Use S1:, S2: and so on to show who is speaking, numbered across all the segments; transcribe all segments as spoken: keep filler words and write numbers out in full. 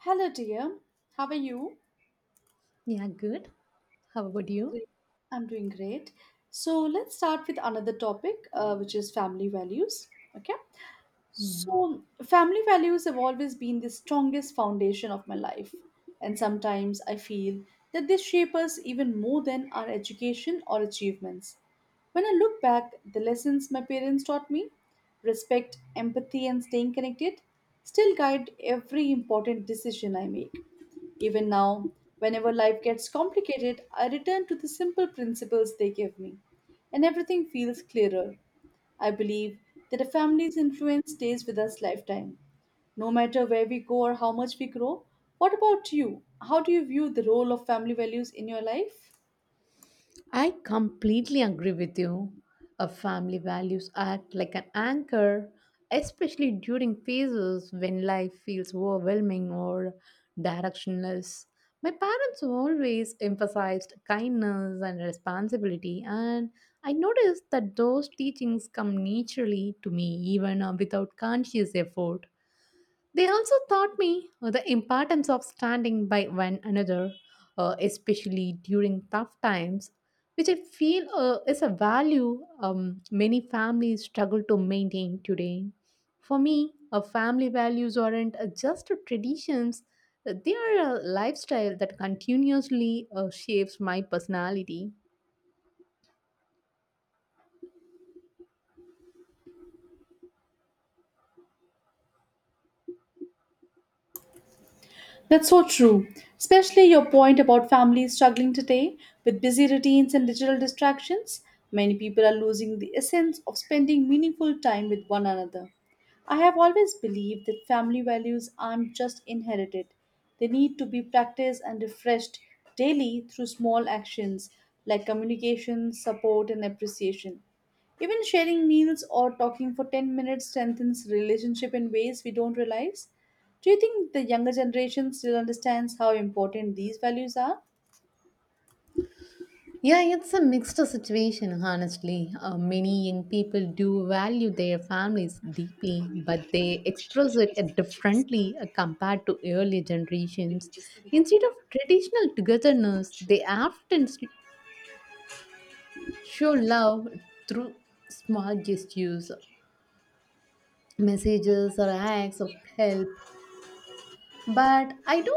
S1: Hello, dear. How are you?
S2: Yeah, good. How about you?
S1: Great. I'm doing great. So, let's start with another topic, uh, which is family values. Okay.
S2: Yeah.
S1: So, family values have always been the strongest foundation of my life, and sometimes I feel that they shape us even more than our education or achievements. When I look back, the lessons my parents taught me respect, empathy, and staying connected still guide every important decision I make. Even now, whenever life gets complicated, I return to the simple principles they gave me, and everything feels clearer. I believe that a family's influence stays with us lifetime, no matter where we go or how much we grow. What about you? How do you view the role of family values in your life?
S2: I completely agree with you. A family values act like an anchor, especially during phases when life feels overwhelming or directionless. My parents always emphasized kindness and responsibility, and I noticed that those teachings come naturally to me even uh, without conscious effort. They also taught me uh, the importance of standing by one another, uh, especially during tough times, which I feel uh, is a value um, many families struggle to maintain today. For me, uh, family values aren't uh, just traditions, uh, they are a lifestyle that continuously uh, shapes my personality.
S1: That's so true, especially your point about families struggling today with busy routines and digital distractions. Many people are losing the essence of spending meaningful time with one another. I have always believed that family values aren't just inherited, they need to be practiced and refreshed daily through small actions like communication, support, and appreciation. Even sharing meals or talking for ten minutes strengthens relationship in ways we don't realize. Do you think the younger generation still understands how important these values are?
S2: Yeah, it's a mixed situation, honestly. Uh, many young people do value their families deeply, but they express it uh, differently uh, compared to earlier generations. Instead of traditional togetherness, they often s- show love through small gestures, messages, or acts of help. But I do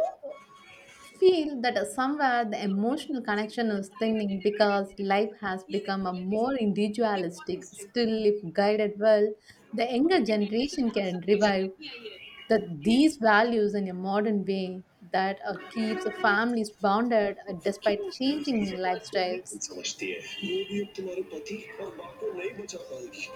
S2: feel that somewhere the emotional connection is thinning because life has become a more individualistic. Still, if guided well, the younger generation can revive that these values in a modern way that uh, keeps families bonded uh, despite changing lifestyles.
S1: समझती है ये भी अब तुम्हारे पति और माँ को नहीं बचा पाएगी.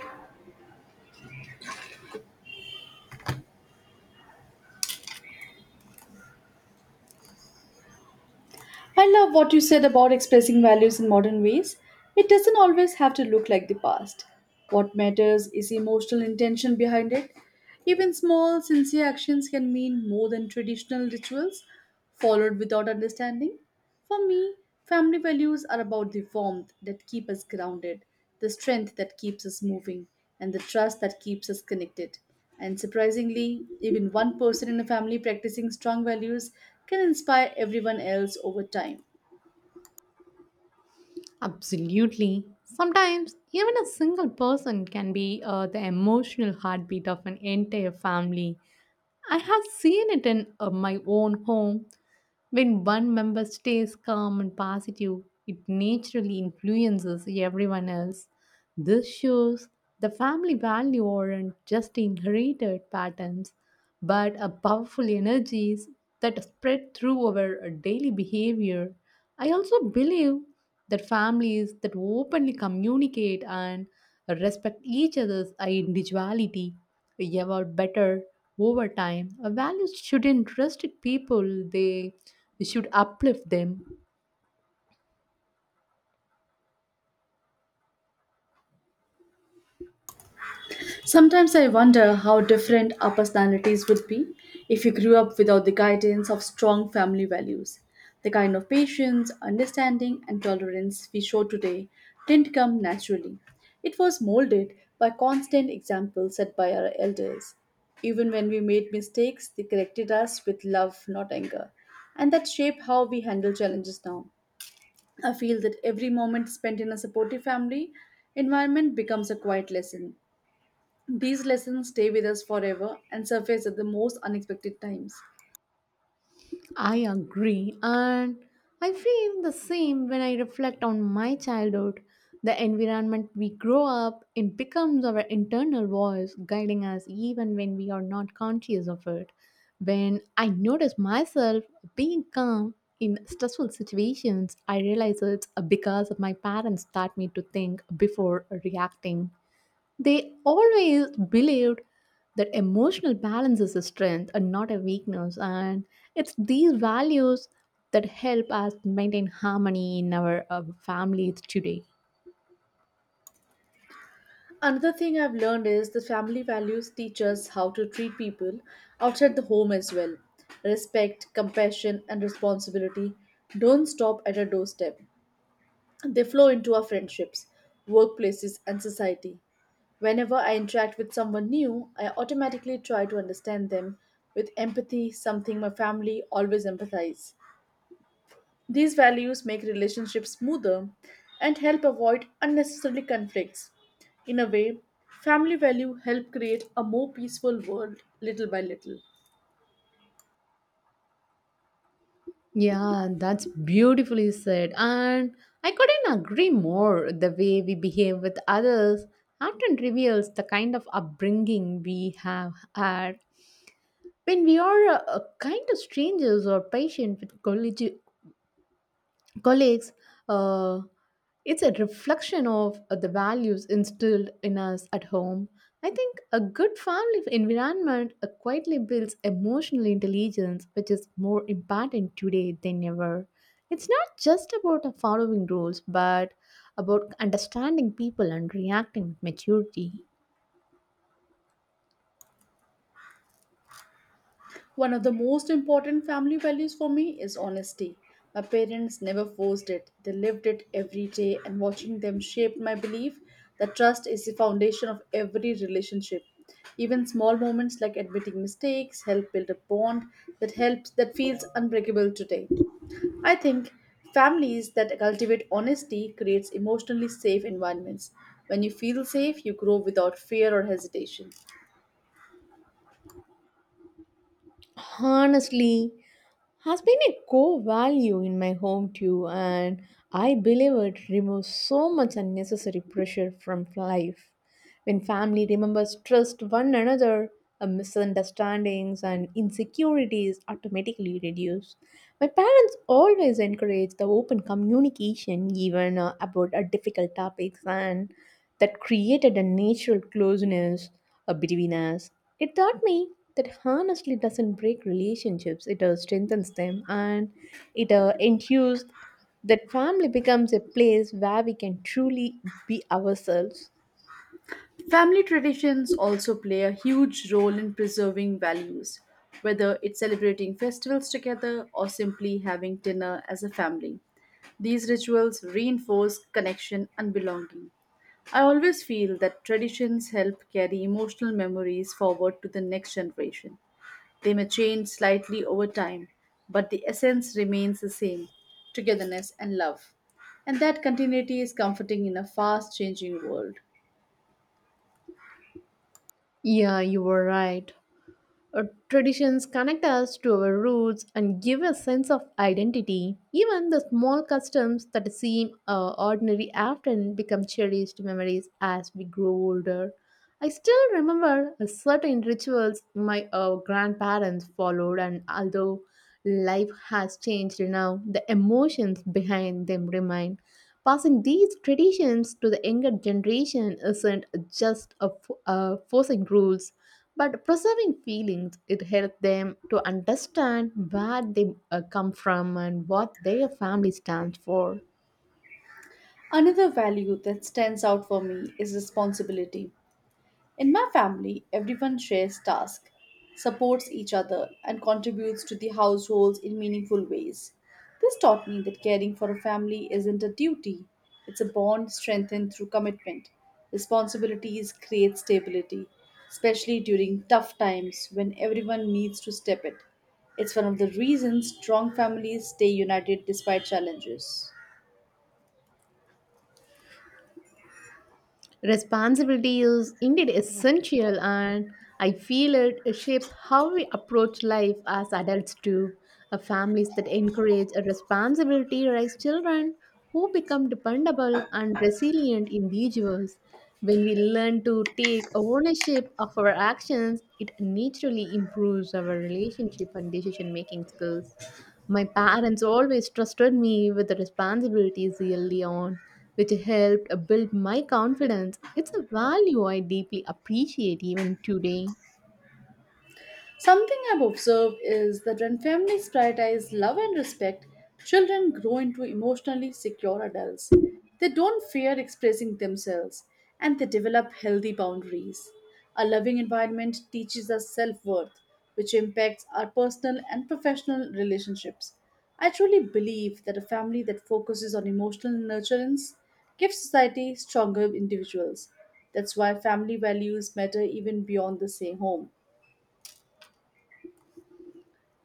S1: I love what you said about expressing values in modern ways. It doesn't always have to look like the past. What matters is emotional intention behind it. Even small, sincere actions can mean more than traditional rituals followed without understanding. For me, family values are about the warmth that keep us grounded, the strength that keeps us moving, and the trust that keeps us connected. And surprisingly, even one person in a family practicing strong values can inspire everyone else over time.
S2: Absolutely. Sometimes even a single person can be uh, the emotional heartbeat of an entire family. I have seen it in uh, my own home. When one member stays calm and positive, it naturally influences everyone else. This shows the family value aren't just inherited patterns, but a powerful energies that spread through our uh, daily behavior. I also believe that families that openly communicate and respect each other's individuality evolve better over time. Values shouldn't restrict people, they should uplift them.
S1: Sometimes I wonder how different our personalities would be if we grew up without the guidance of strong family values. The kind of patience, understanding, and tolerance we show today didn't come naturally. It was molded by constant examples set by our elders. Even when we made mistakes, they corrected us with love, not anger. And that shaped how we handle challenges now. I feel that every moment spent in a supportive family environment becomes a quiet lesson. These lessons stay with us forever and surface at the most unexpected times.
S2: I agree, and I feel the same when I reflect on my childhood. The environment we grow up in becomes our internal voice, guiding us even when we are not conscious of it. When I notice myself being calm in stressful situations, I realize it's because my parents taught me to think before reacting. They always believed that emotional balance is a strength and not a weakness, and it's these values that help us maintain harmony in our uh, families today.
S1: Another thing I've learned is the family values teach us how to treat people outside the home as well. Respect, compassion, and responsibility don't stop at our doorstep. They flow into our friendships, workplaces, and society. Whenever I interact with someone new, I automatically try to understand them with empathy, something my family always empathize. These values make relationships smoother and help avoid unnecessary conflicts. In a way, family values help create a more peaceful world little by little.
S2: Yeah, that's beautifully said. And I couldn't agree more. The way we behave with others often reveals the kind of upbringing we have had. When we are uh, uh, kind of strangers or patient with colleagues, colleagues, uh, it's a reflection of uh, the values instilled in us at home. I think a good family environment uh, quietly builds emotional intelligence, which is more important today than ever. It's not just about uh, following rules, but about understanding people and reacting with maturity.
S1: One of the most important family values for me is honesty. My parents never forced it. They lived it every day and watching them shaped my belief that trust is the foundation of every relationship. Even small moments like admitting mistakes help build a bond that helps that feels unbreakable today. I think families that cultivate honesty creates emotionally safe environments. When you feel safe, you grow without fear or hesitation.
S2: Honestly, has been a core value in my home too, and I believe it removes so much unnecessary pressure from life. When family remembers trust one another, uh, misunderstandings and insecurities automatically reduce. My parents always encourage the open communication, even uh, about uh, difficult topics, and that created a natural closeness uh, between us. It taught me that honestly doesn't break relationships, it uh, strengthens them, and it uh, enthused that family becomes a place where we can truly be ourselves.
S1: Family traditions also play a huge role in preserving values, whether it's celebrating festivals together or simply having dinner as a family. These rituals reinforce connection and belonging. I always feel that traditions help carry emotional memories forward to the next generation. They may change slightly over time, but the essence remains the same, togetherness and love. And that continuity is comforting in a fast changing world.
S2: Yeah, you were right. Our traditions connect us to our roots and give a sense of identity. Even the small customs that seem uh, ordinary often become cherished memories as we grow older. I still remember a certain rituals my uh, grandparents followed, and although life has changed now, the emotions behind them remain. Passing these traditions to the younger generation isn't just a, fo- uh, forcing rules, but preserving feelings. It helps them to understand where they uh, come from and what their family stands for.
S1: Another value that stands out for me is responsibility. In my family, everyone shares tasks, supports each other, and contributes to the households in meaningful ways. This taught me that caring for a family isn't a duty, it's a bond strengthened through commitment. Responsibilities create stability, especially during tough times when everyone needs to step it. It's one of the reasons strong families stay united despite challenges.
S2: Responsibility is indeed essential, and I feel it shapes how we approach life as adults too. Uh, families that encourage a responsibility raise children who become dependable and resilient individuals. When we learn to take ownership of our actions, it naturally improves our relationship and decision making skills. My parents always trusted me with the responsibilities early on, which helped build my confidence. It's a value I deeply appreciate even today.
S1: Something I've observed is that when families prioritize love and respect, children grow into emotionally secure adults. They don't fear expressing themselves and they develop healthy boundaries. A loving environment teaches us self worth, which impacts our personal and professional relationships. I truly believe that a family that focuses on emotional nurturance gives society stronger individuals. That's why family values matter even beyond the same home.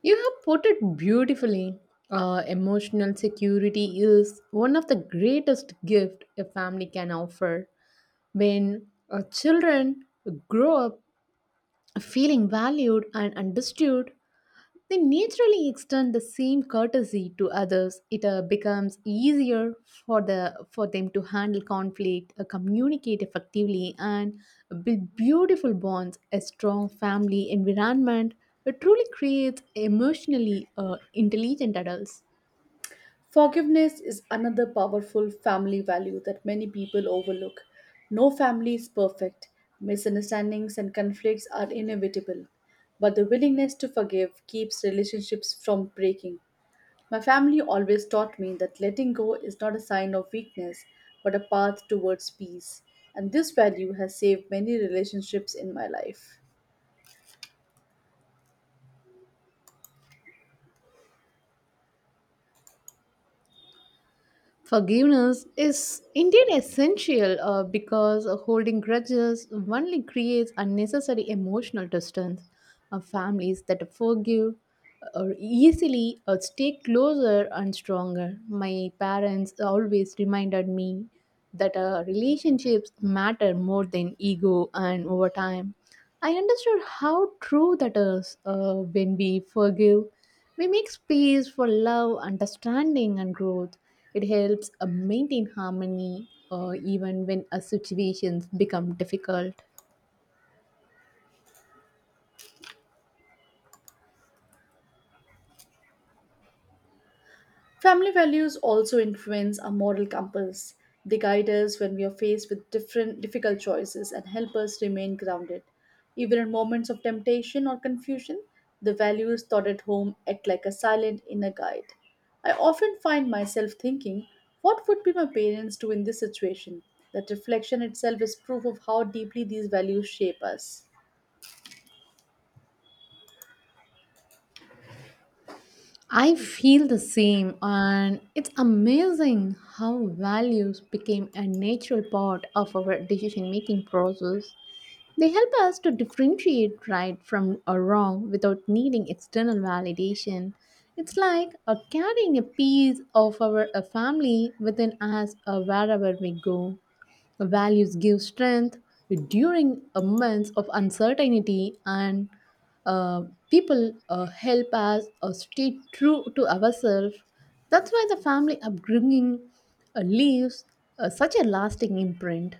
S2: You have put it beautifully. Uh, emotional security is one of the greatest gifts a family can offer. When uh, children grow up feeling valued and understood, they naturally extend the same courtesy to others. It uh, becomes easier for the for them to handle conflict, uh, communicate effectively, and build beautiful bonds. A strong family environment, it truly creates emotionally uh, intelligent adults.
S1: Forgiveness is another powerful family value that many people overlook. No family is perfect. Misunderstandings and conflicts are inevitable. But the willingness to forgive keeps relationships from breaking. My family always taught me that letting go is not a sign of weakness, but a path towards peace. And this value has saved many relationships in my life.
S2: Forgiveness is indeed essential uh, because holding grudges only creates unnecessary emotional distance. Uh, families that forgive uh, or easily uh, stay closer and stronger. My parents always reminded me that uh, relationships matter more than ego, and over time I understood how true that is. Uh, when we forgive, we make space for love, understanding, and growth. It helps uh, maintain harmony uh, even when uh, situations become difficult.
S1: Family values also influence our moral compass. They guide us when we are faced with different difficult choices and help us remain grounded. Even in moments of temptation or confusion, the values taught at home act like a silent inner guide. I often find myself thinking, what would be my parents do in this situation? That reflection itself is proof of how deeply these values shape us.
S2: I feel the same, and it's amazing how values became a natural part of our decision making process. They help us to differentiate right from a wrong without needing external validation. It's like uh, carrying a piece of our uh, family within us uh, wherever we go. Values give strength during a months of uncertainty, and uh, people uh, help us uh, stay true to ourselves. That's why the family upbringing uh, leaves uh, such a lasting imprint.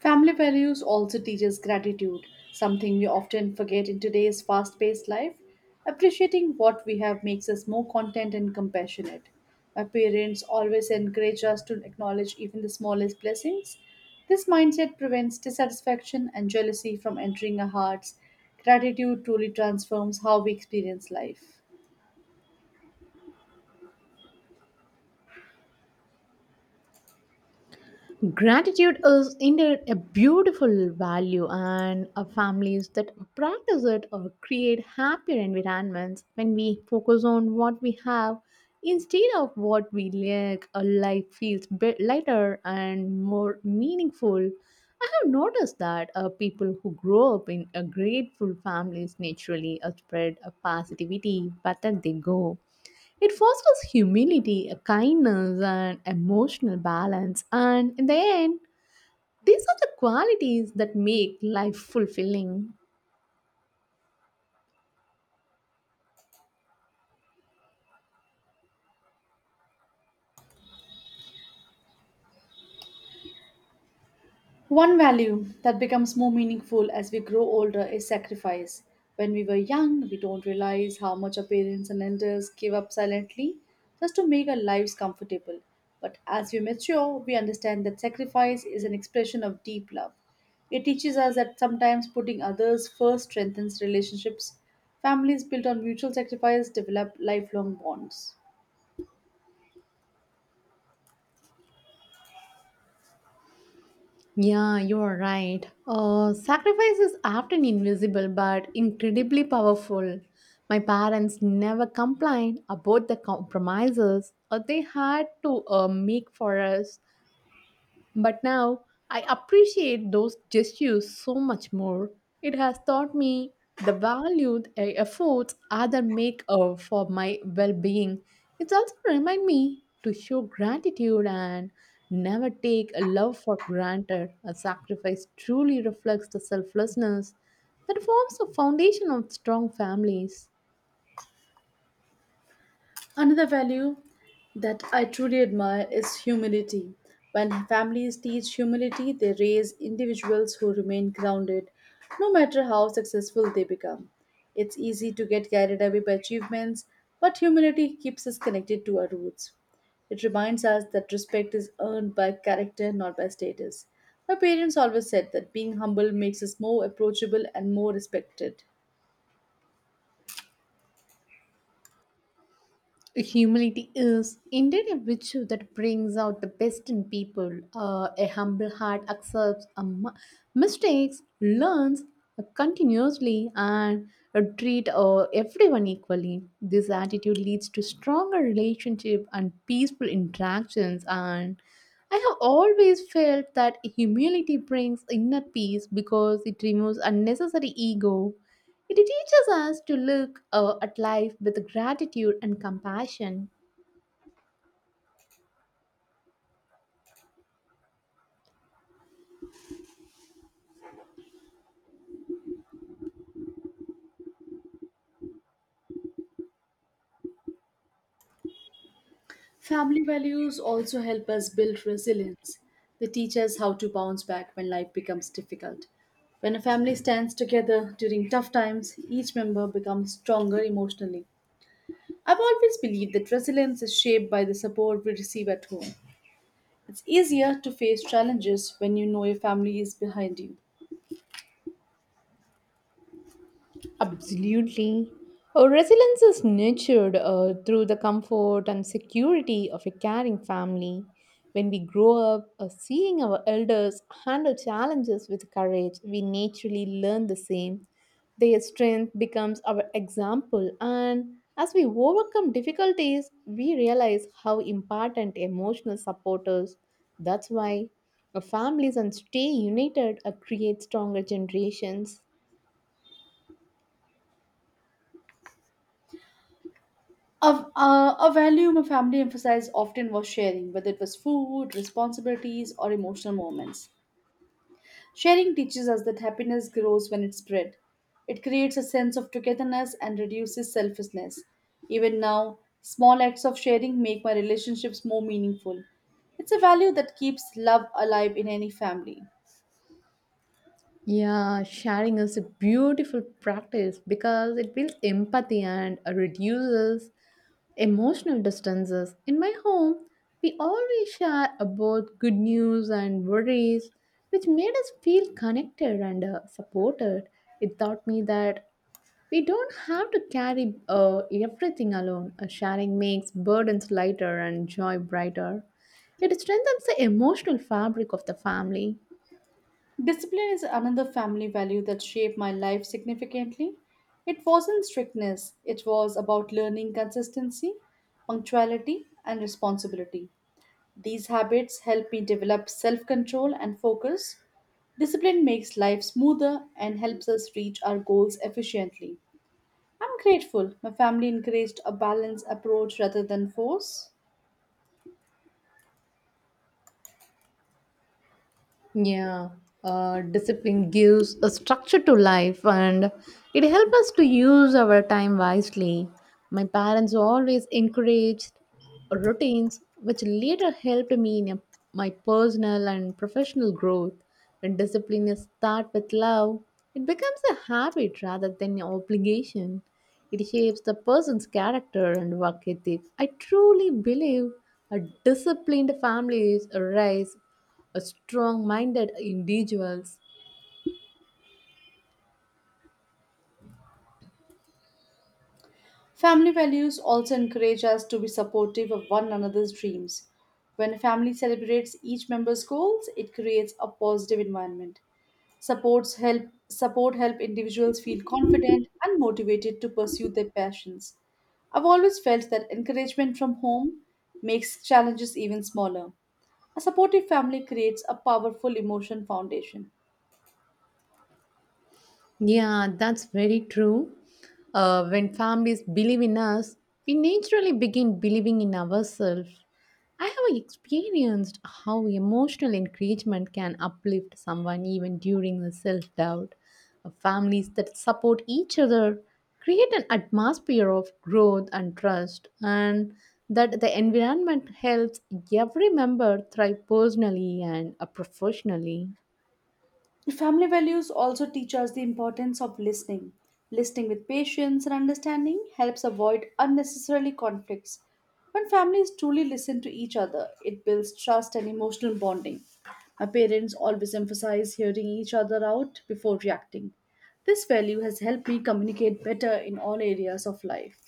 S1: Family values also teaches gratitude, something we often forget in today's fast paced life. Appreciating what we have makes us more content and compassionate. Our parents always encourage us to acknowledge even the smallest blessings. This mindset prevents dissatisfaction and jealousy from entering our hearts. Gratitude truly transforms how we experience life.
S2: Gratitude is indeed a beautiful value, and uh, families that practice it or create happier environments when we focus on what we have instead of what we lack. A life feels bit lighter and more meaningful. I have noticed that uh, people who grow up in a grateful families naturally uh, spread a positivity whether they go. It fosters humility, a kindness, and emotional balance, and in the end, these are the qualities that make life fulfilling.
S1: One value that becomes more meaningful as we grow older is sacrifice. When we were young, we don't realize how much our parents and elders gave up silently just to make our lives comfortable. But as we mature, we understand that sacrifice is an expression of deep love. It teaches us that sometimes putting others first strengthens relationships. Families built on mutual sacrifice develop lifelong bonds.
S2: Yeah, you're right. Uh, sacrifice is often invisible but incredibly powerful. My parents never complained about the compromises uh, they had to uh, make for us. But now I appreciate those gestures so much more. It has taught me the value the efforts others make uh, for my well being. It's also remind me to show gratitude and never take a love for granted. A sacrifice truly reflects the selflessness that forms the foundation of strong families.
S1: Another value that I truly admire is humility. When families teach humility, they raise individuals who remain grounded no matter how successful they become. It's easy to get carried away by achievements, but humility keeps us connected to our roots. It reminds us that respect is earned by character, not by status. My parents always said that being humble makes us more approachable and more respected.
S2: Humility is indeed a virtue that brings out the best in people. Uh, a humble heart accepts a mu- mistakes, learns continuously, and uh, treat uh, everyone equally. This attitude leads to stronger relationship and peaceful interactions. And I have always felt that humility brings inner peace because it removes unnecessary ego. It teaches us to look uh, at life with gratitude and compassion.
S1: Family values also help us build resilience. They teach us how to bounce back when life becomes difficult. When a family stands together during tough times, each member becomes stronger emotionally. I've always believed that resilience is shaped by the support we receive at home. It's easier to face challenges when you know your family is behind you.
S2: Absolutely. Uh, resilience is nurtured uh, through the comfort and security of a caring family. When we grow up uh, seeing our elders handle challenges with courage, we naturally learn the same. Their strength becomes our example, and as we overcome difficulties, we realize how important emotional support is. That's why uh, families and stay united uh, create stronger generations.
S1: A, a, a value my family emphasized often was sharing, whether it was food, responsibilities, or emotional moments. Sharing teaches us that happiness grows when it's spread. It creates a sense of togetherness and reduces selfishness. Even now, small acts of sharing make my relationships more meaningful. It's a value that keeps love alive in any family.
S2: Yeah, sharing is a beautiful practice because it builds empathy and reduces emotional distances. In my home, we always share about good news and worries, which made us feel connected and uh, supported. It taught me that we don't have to carry uh, everything alone. Uh, sharing makes burdens lighter and joy brighter. It strengthens the emotional fabric of the family.
S1: Discipline is another family value that shaped my life significantly. It wasn't strictness, it was about learning consistency, punctuality, and responsibility. These habits help me develop self control and focus. Discipline makes life smoother and helps us reach our goals efficiently. I'm grateful my family encouraged a balanced approach rather than force.
S2: Yeah, uh, discipline gives a structure to life, and it helps us to use our time wisely. My parents always encouraged routines, which later helped me in a- my personal and professional growth. When discipline is start with love, it becomes a habit rather than an obligation. It shapes the person's character and work ethic. I truly believe a disciplined family is a race a strong-minded individuals.
S1: Family values also encourage us to be supportive of one another's dreams. When a family celebrates each member's goals, it creates a positive environment. Supports help support help individuals feel confident and motivated to pursue their passions. I've always felt that encouragement from home makes challenges even smaller. A supportive family creates a powerful emotion foundation.
S2: Yeah, that's very true. Uh, when families believe in us, we naturally begin believing in ourselves. I have experienced how emotional encouragement can uplift someone even during the self doubt. Families that support each other create an atmosphere of growth and trust, and that the environment helps every member thrive personally and uh, professionally.
S1: Family values also teach us the importance of listening. Listening with patience and understanding helps avoid unnecessarily conflicts. When families truly listen to each other, it builds trust and emotional bonding. My parents always emphasize hearing each other out before reacting. This value has helped me communicate better in all areas of life.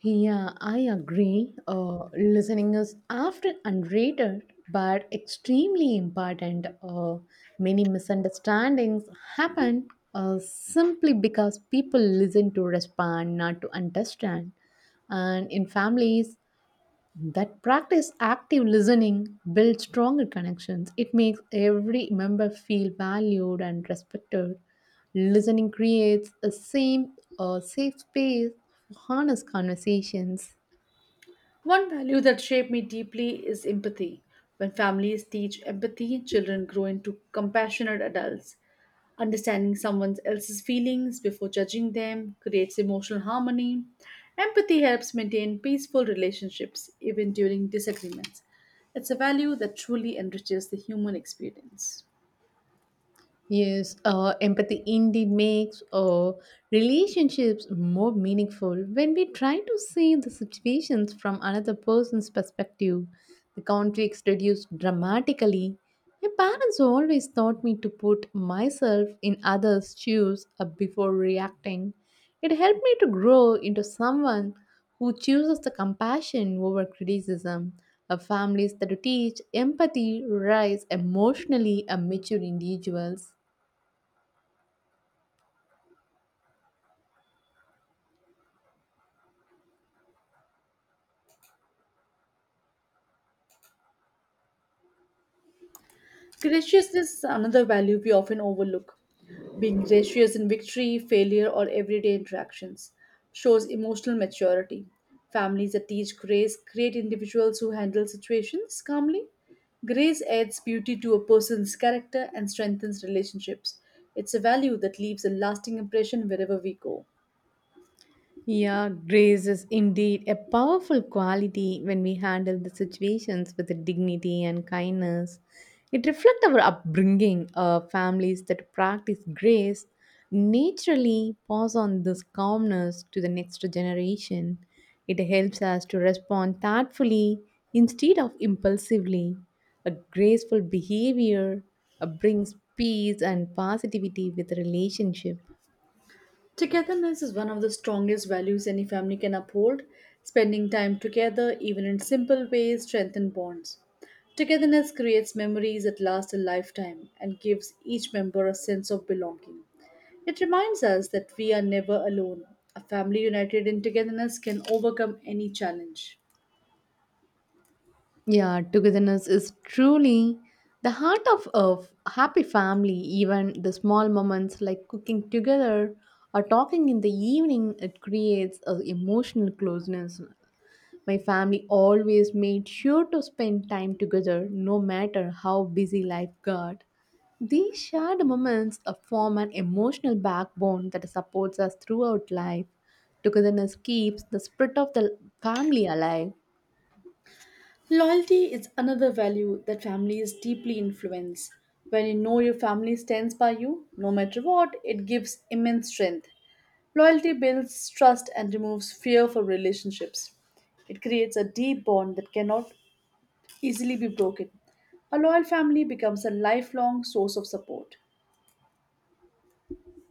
S2: Yeah, I agree. Uh, listening is often underrated but extremely important. Uh, many misunderstandings happen uh, simply because people listen to respond, not to understand. And in families, that practice active listening builds stronger connections. It makes every member feel valued and respected. Listening creates a same a safe space for honest conversations.
S1: One value that shaped me deeply is empathy. When families teach empathy, children grow into compassionate adults. Understanding someone else's feelings before judging them creates emotional harmony. Empathy helps maintain peaceful relationships even during disagreements. It's a value that truly enriches the human experience.
S2: Yes, uh, empathy indeed makes uh, relationships more meaningful when we try to see the situations from another person's perspective. The conflicts reduce dramatically. My parents always taught me to put myself in others' shoes uh, before reacting. It helped me to grow into someone who chooses the compassion over criticism. Uh, families that teach empathy raise emotionally uh, mature individuals.
S1: Graciousness is another value we often overlook. Being gracious in victory, failure, or everyday interactions shows emotional maturity. Families that teach grace create individuals who handle situations calmly. Grace adds beauty to a person's character and strengthens relationships. It's a value that leaves a lasting impression wherever we go.
S2: Yeah, grace is indeed a powerful quality when we handle the situations with dignity and kindness. It reflects our upbringing. Uh, families that practice grace naturally pass on this calmness to the next generation. It helps us to respond thoughtfully instead of impulsively. A graceful behavior uh, brings peace and positivity with relationship.
S1: Togetherness is one of the strongest values any family can uphold. Spending time together, even in simple ways, strengthen bonds. Togetherness creates memories that last a lifetime and gives each member a sense of belonging. It reminds us that we are never alone. A family united in togetherness can overcome any challenge.
S2: Yeah, togetherness is truly the heart of a happy family. Even the small moments like cooking together or talking in the evening, it creates a emotional closeness. My family always made sure to spend time together, no matter how busy life got. These shared moments uh, form an emotional backbone that supports us throughout life. Togetherness keeps the spirit of the family alive.
S1: Loyalty is another value that families deeply influence. When you know your family stands by you, no matter what, it gives immense strength. Loyalty builds trust and removes fear for relationships. It creates a deep bond that cannot easily be broken. A loyal family becomes a lifelong source of support.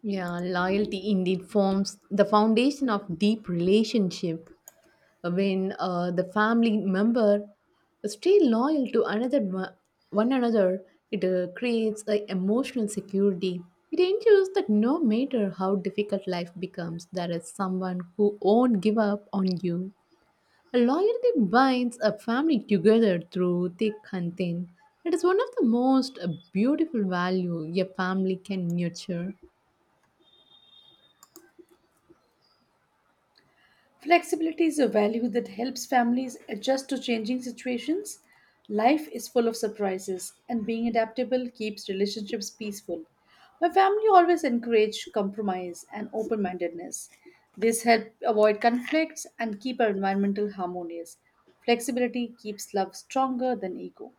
S2: Yeah, loyalty indeed forms the foundation of deep relationship. When uh, the family member stay loyal to another one one another, it uh, creates a emotional security. It ensures that no matter how difficult life becomes, there is someone who won't give up on you. Loyalty binds a family together through thick and thin. It is one of the most uh, beautiful value a family can nurture.
S1: Flexibility is a value that helps families adjust to changing situations. Life is full of surprises, and being adaptable keeps relationships peaceful. My family always encouraged compromise and open mindedness. This helps avoid conflicts and keep our environmental harmonious. Flexibility keeps love stronger than ego.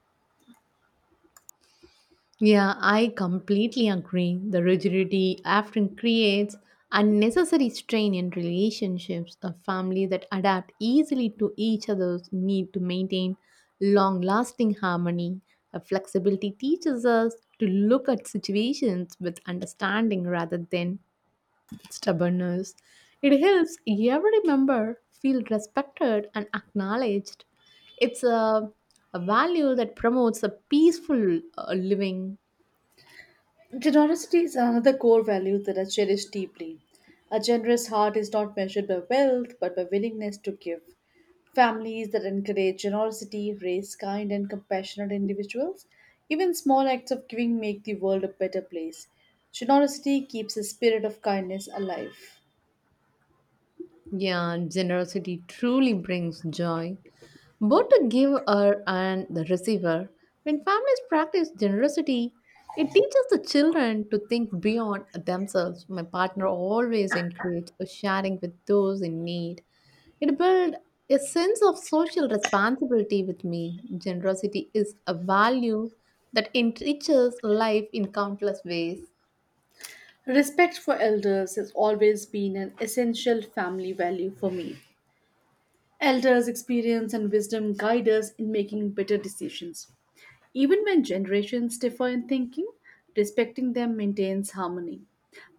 S2: Yeah, I completely agree. The rigidity often creates unnecessary strain in relationships. A family that adapt easily to each other's need to maintain long-lasting harmony. A flexibility teaches us to look at situations with understanding rather than stubbornness. It helps every member feel respected and acknowledged. It's a, a value that promotes a peaceful uh, living.
S1: Generosity is another core value that I cherish deeply. A generous heart is not measured by wealth, but by willingness to give. Families that encourage generosity raise kind and compassionate individuals. Even small acts of giving make the world a better place. Generosity keeps the spirit of kindness alive.
S2: Yeah, generosity truly brings joy, both the giver and the receiver. When families practice generosity, it teaches the children to think beyond themselves. My partner always encourages sharing with those in need. It builds a sense of social responsibility with me. Generosity is a value that enriches life in countless ways.
S1: Respect for elders has always been an essential family value for me. Elders' experience and wisdom guide us in making better decisions. Even when generations differ in thinking, respecting them maintains harmony.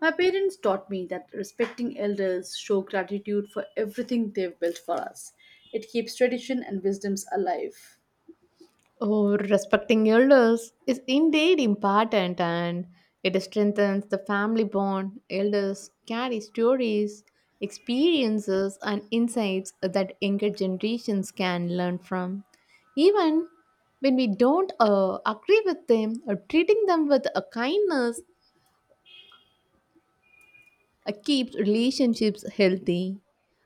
S1: My parents taught me that respecting elders show gratitude for everything they've built for us. It keeps tradition and wisdoms alive.
S2: Oh, respecting elders is indeed important, and it strengthens the family bond. Elders carry stories, experiences, and insights that younger generations can learn from. Even when we don't uh, agree with them, uh, treating them with a kindness uh, keeps relationships healthy.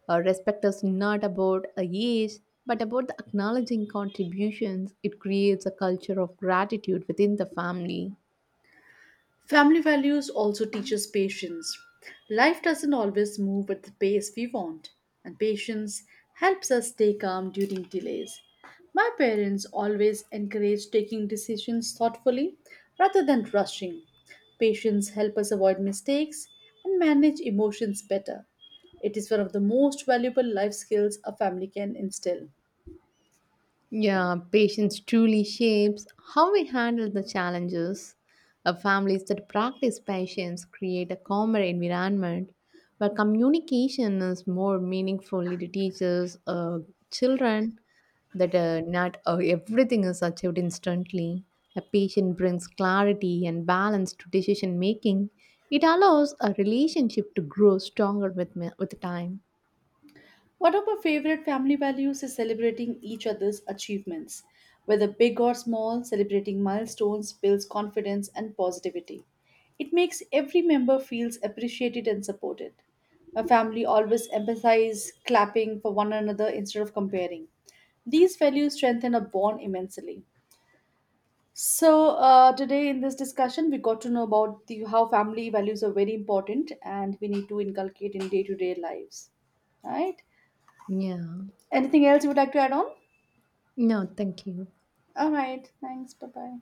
S2: Uh, respect is not about a age, but about the acknowledging contributions. It creates a culture of gratitude within the family.
S1: Family values also teach us patience. Life doesn't always move at the pace we want, and patience helps us stay calm during delays. My parents always encouraged taking decisions thoughtfully rather than rushing. Patience helps us avoid mistakes and manage emotions better. It is one of the most valuable life skills a family can instill.
S2: Yeah, patience truly shapes how we handle the challenges. Uh, families that practice patience create a calmer environment where communication is more meaningful. It teaches uh, children that uh, not uh, everything is achieved instantly. A patient brings clarity and balance to decision making. It allows a relationship to grow stronger with, ma- with time.
S1: One of my favorite family values is celebrating each other's achievements. Whether big or small, celebrating milestones builds confidence and positivity. It makes every member feels appreciated and supported. My family always emphasizes clapping for one another instead of comparing. These values strengthen a bond immensely. So uh, today in this discussion, we got to know about the, how family values are very important and we need to inculcate in day-to-day lives. Right?
S2: Yeah.
S1: Anything else you would like to add on?
S2: No, thank you.
S1: All right. Thanks. Bye bye.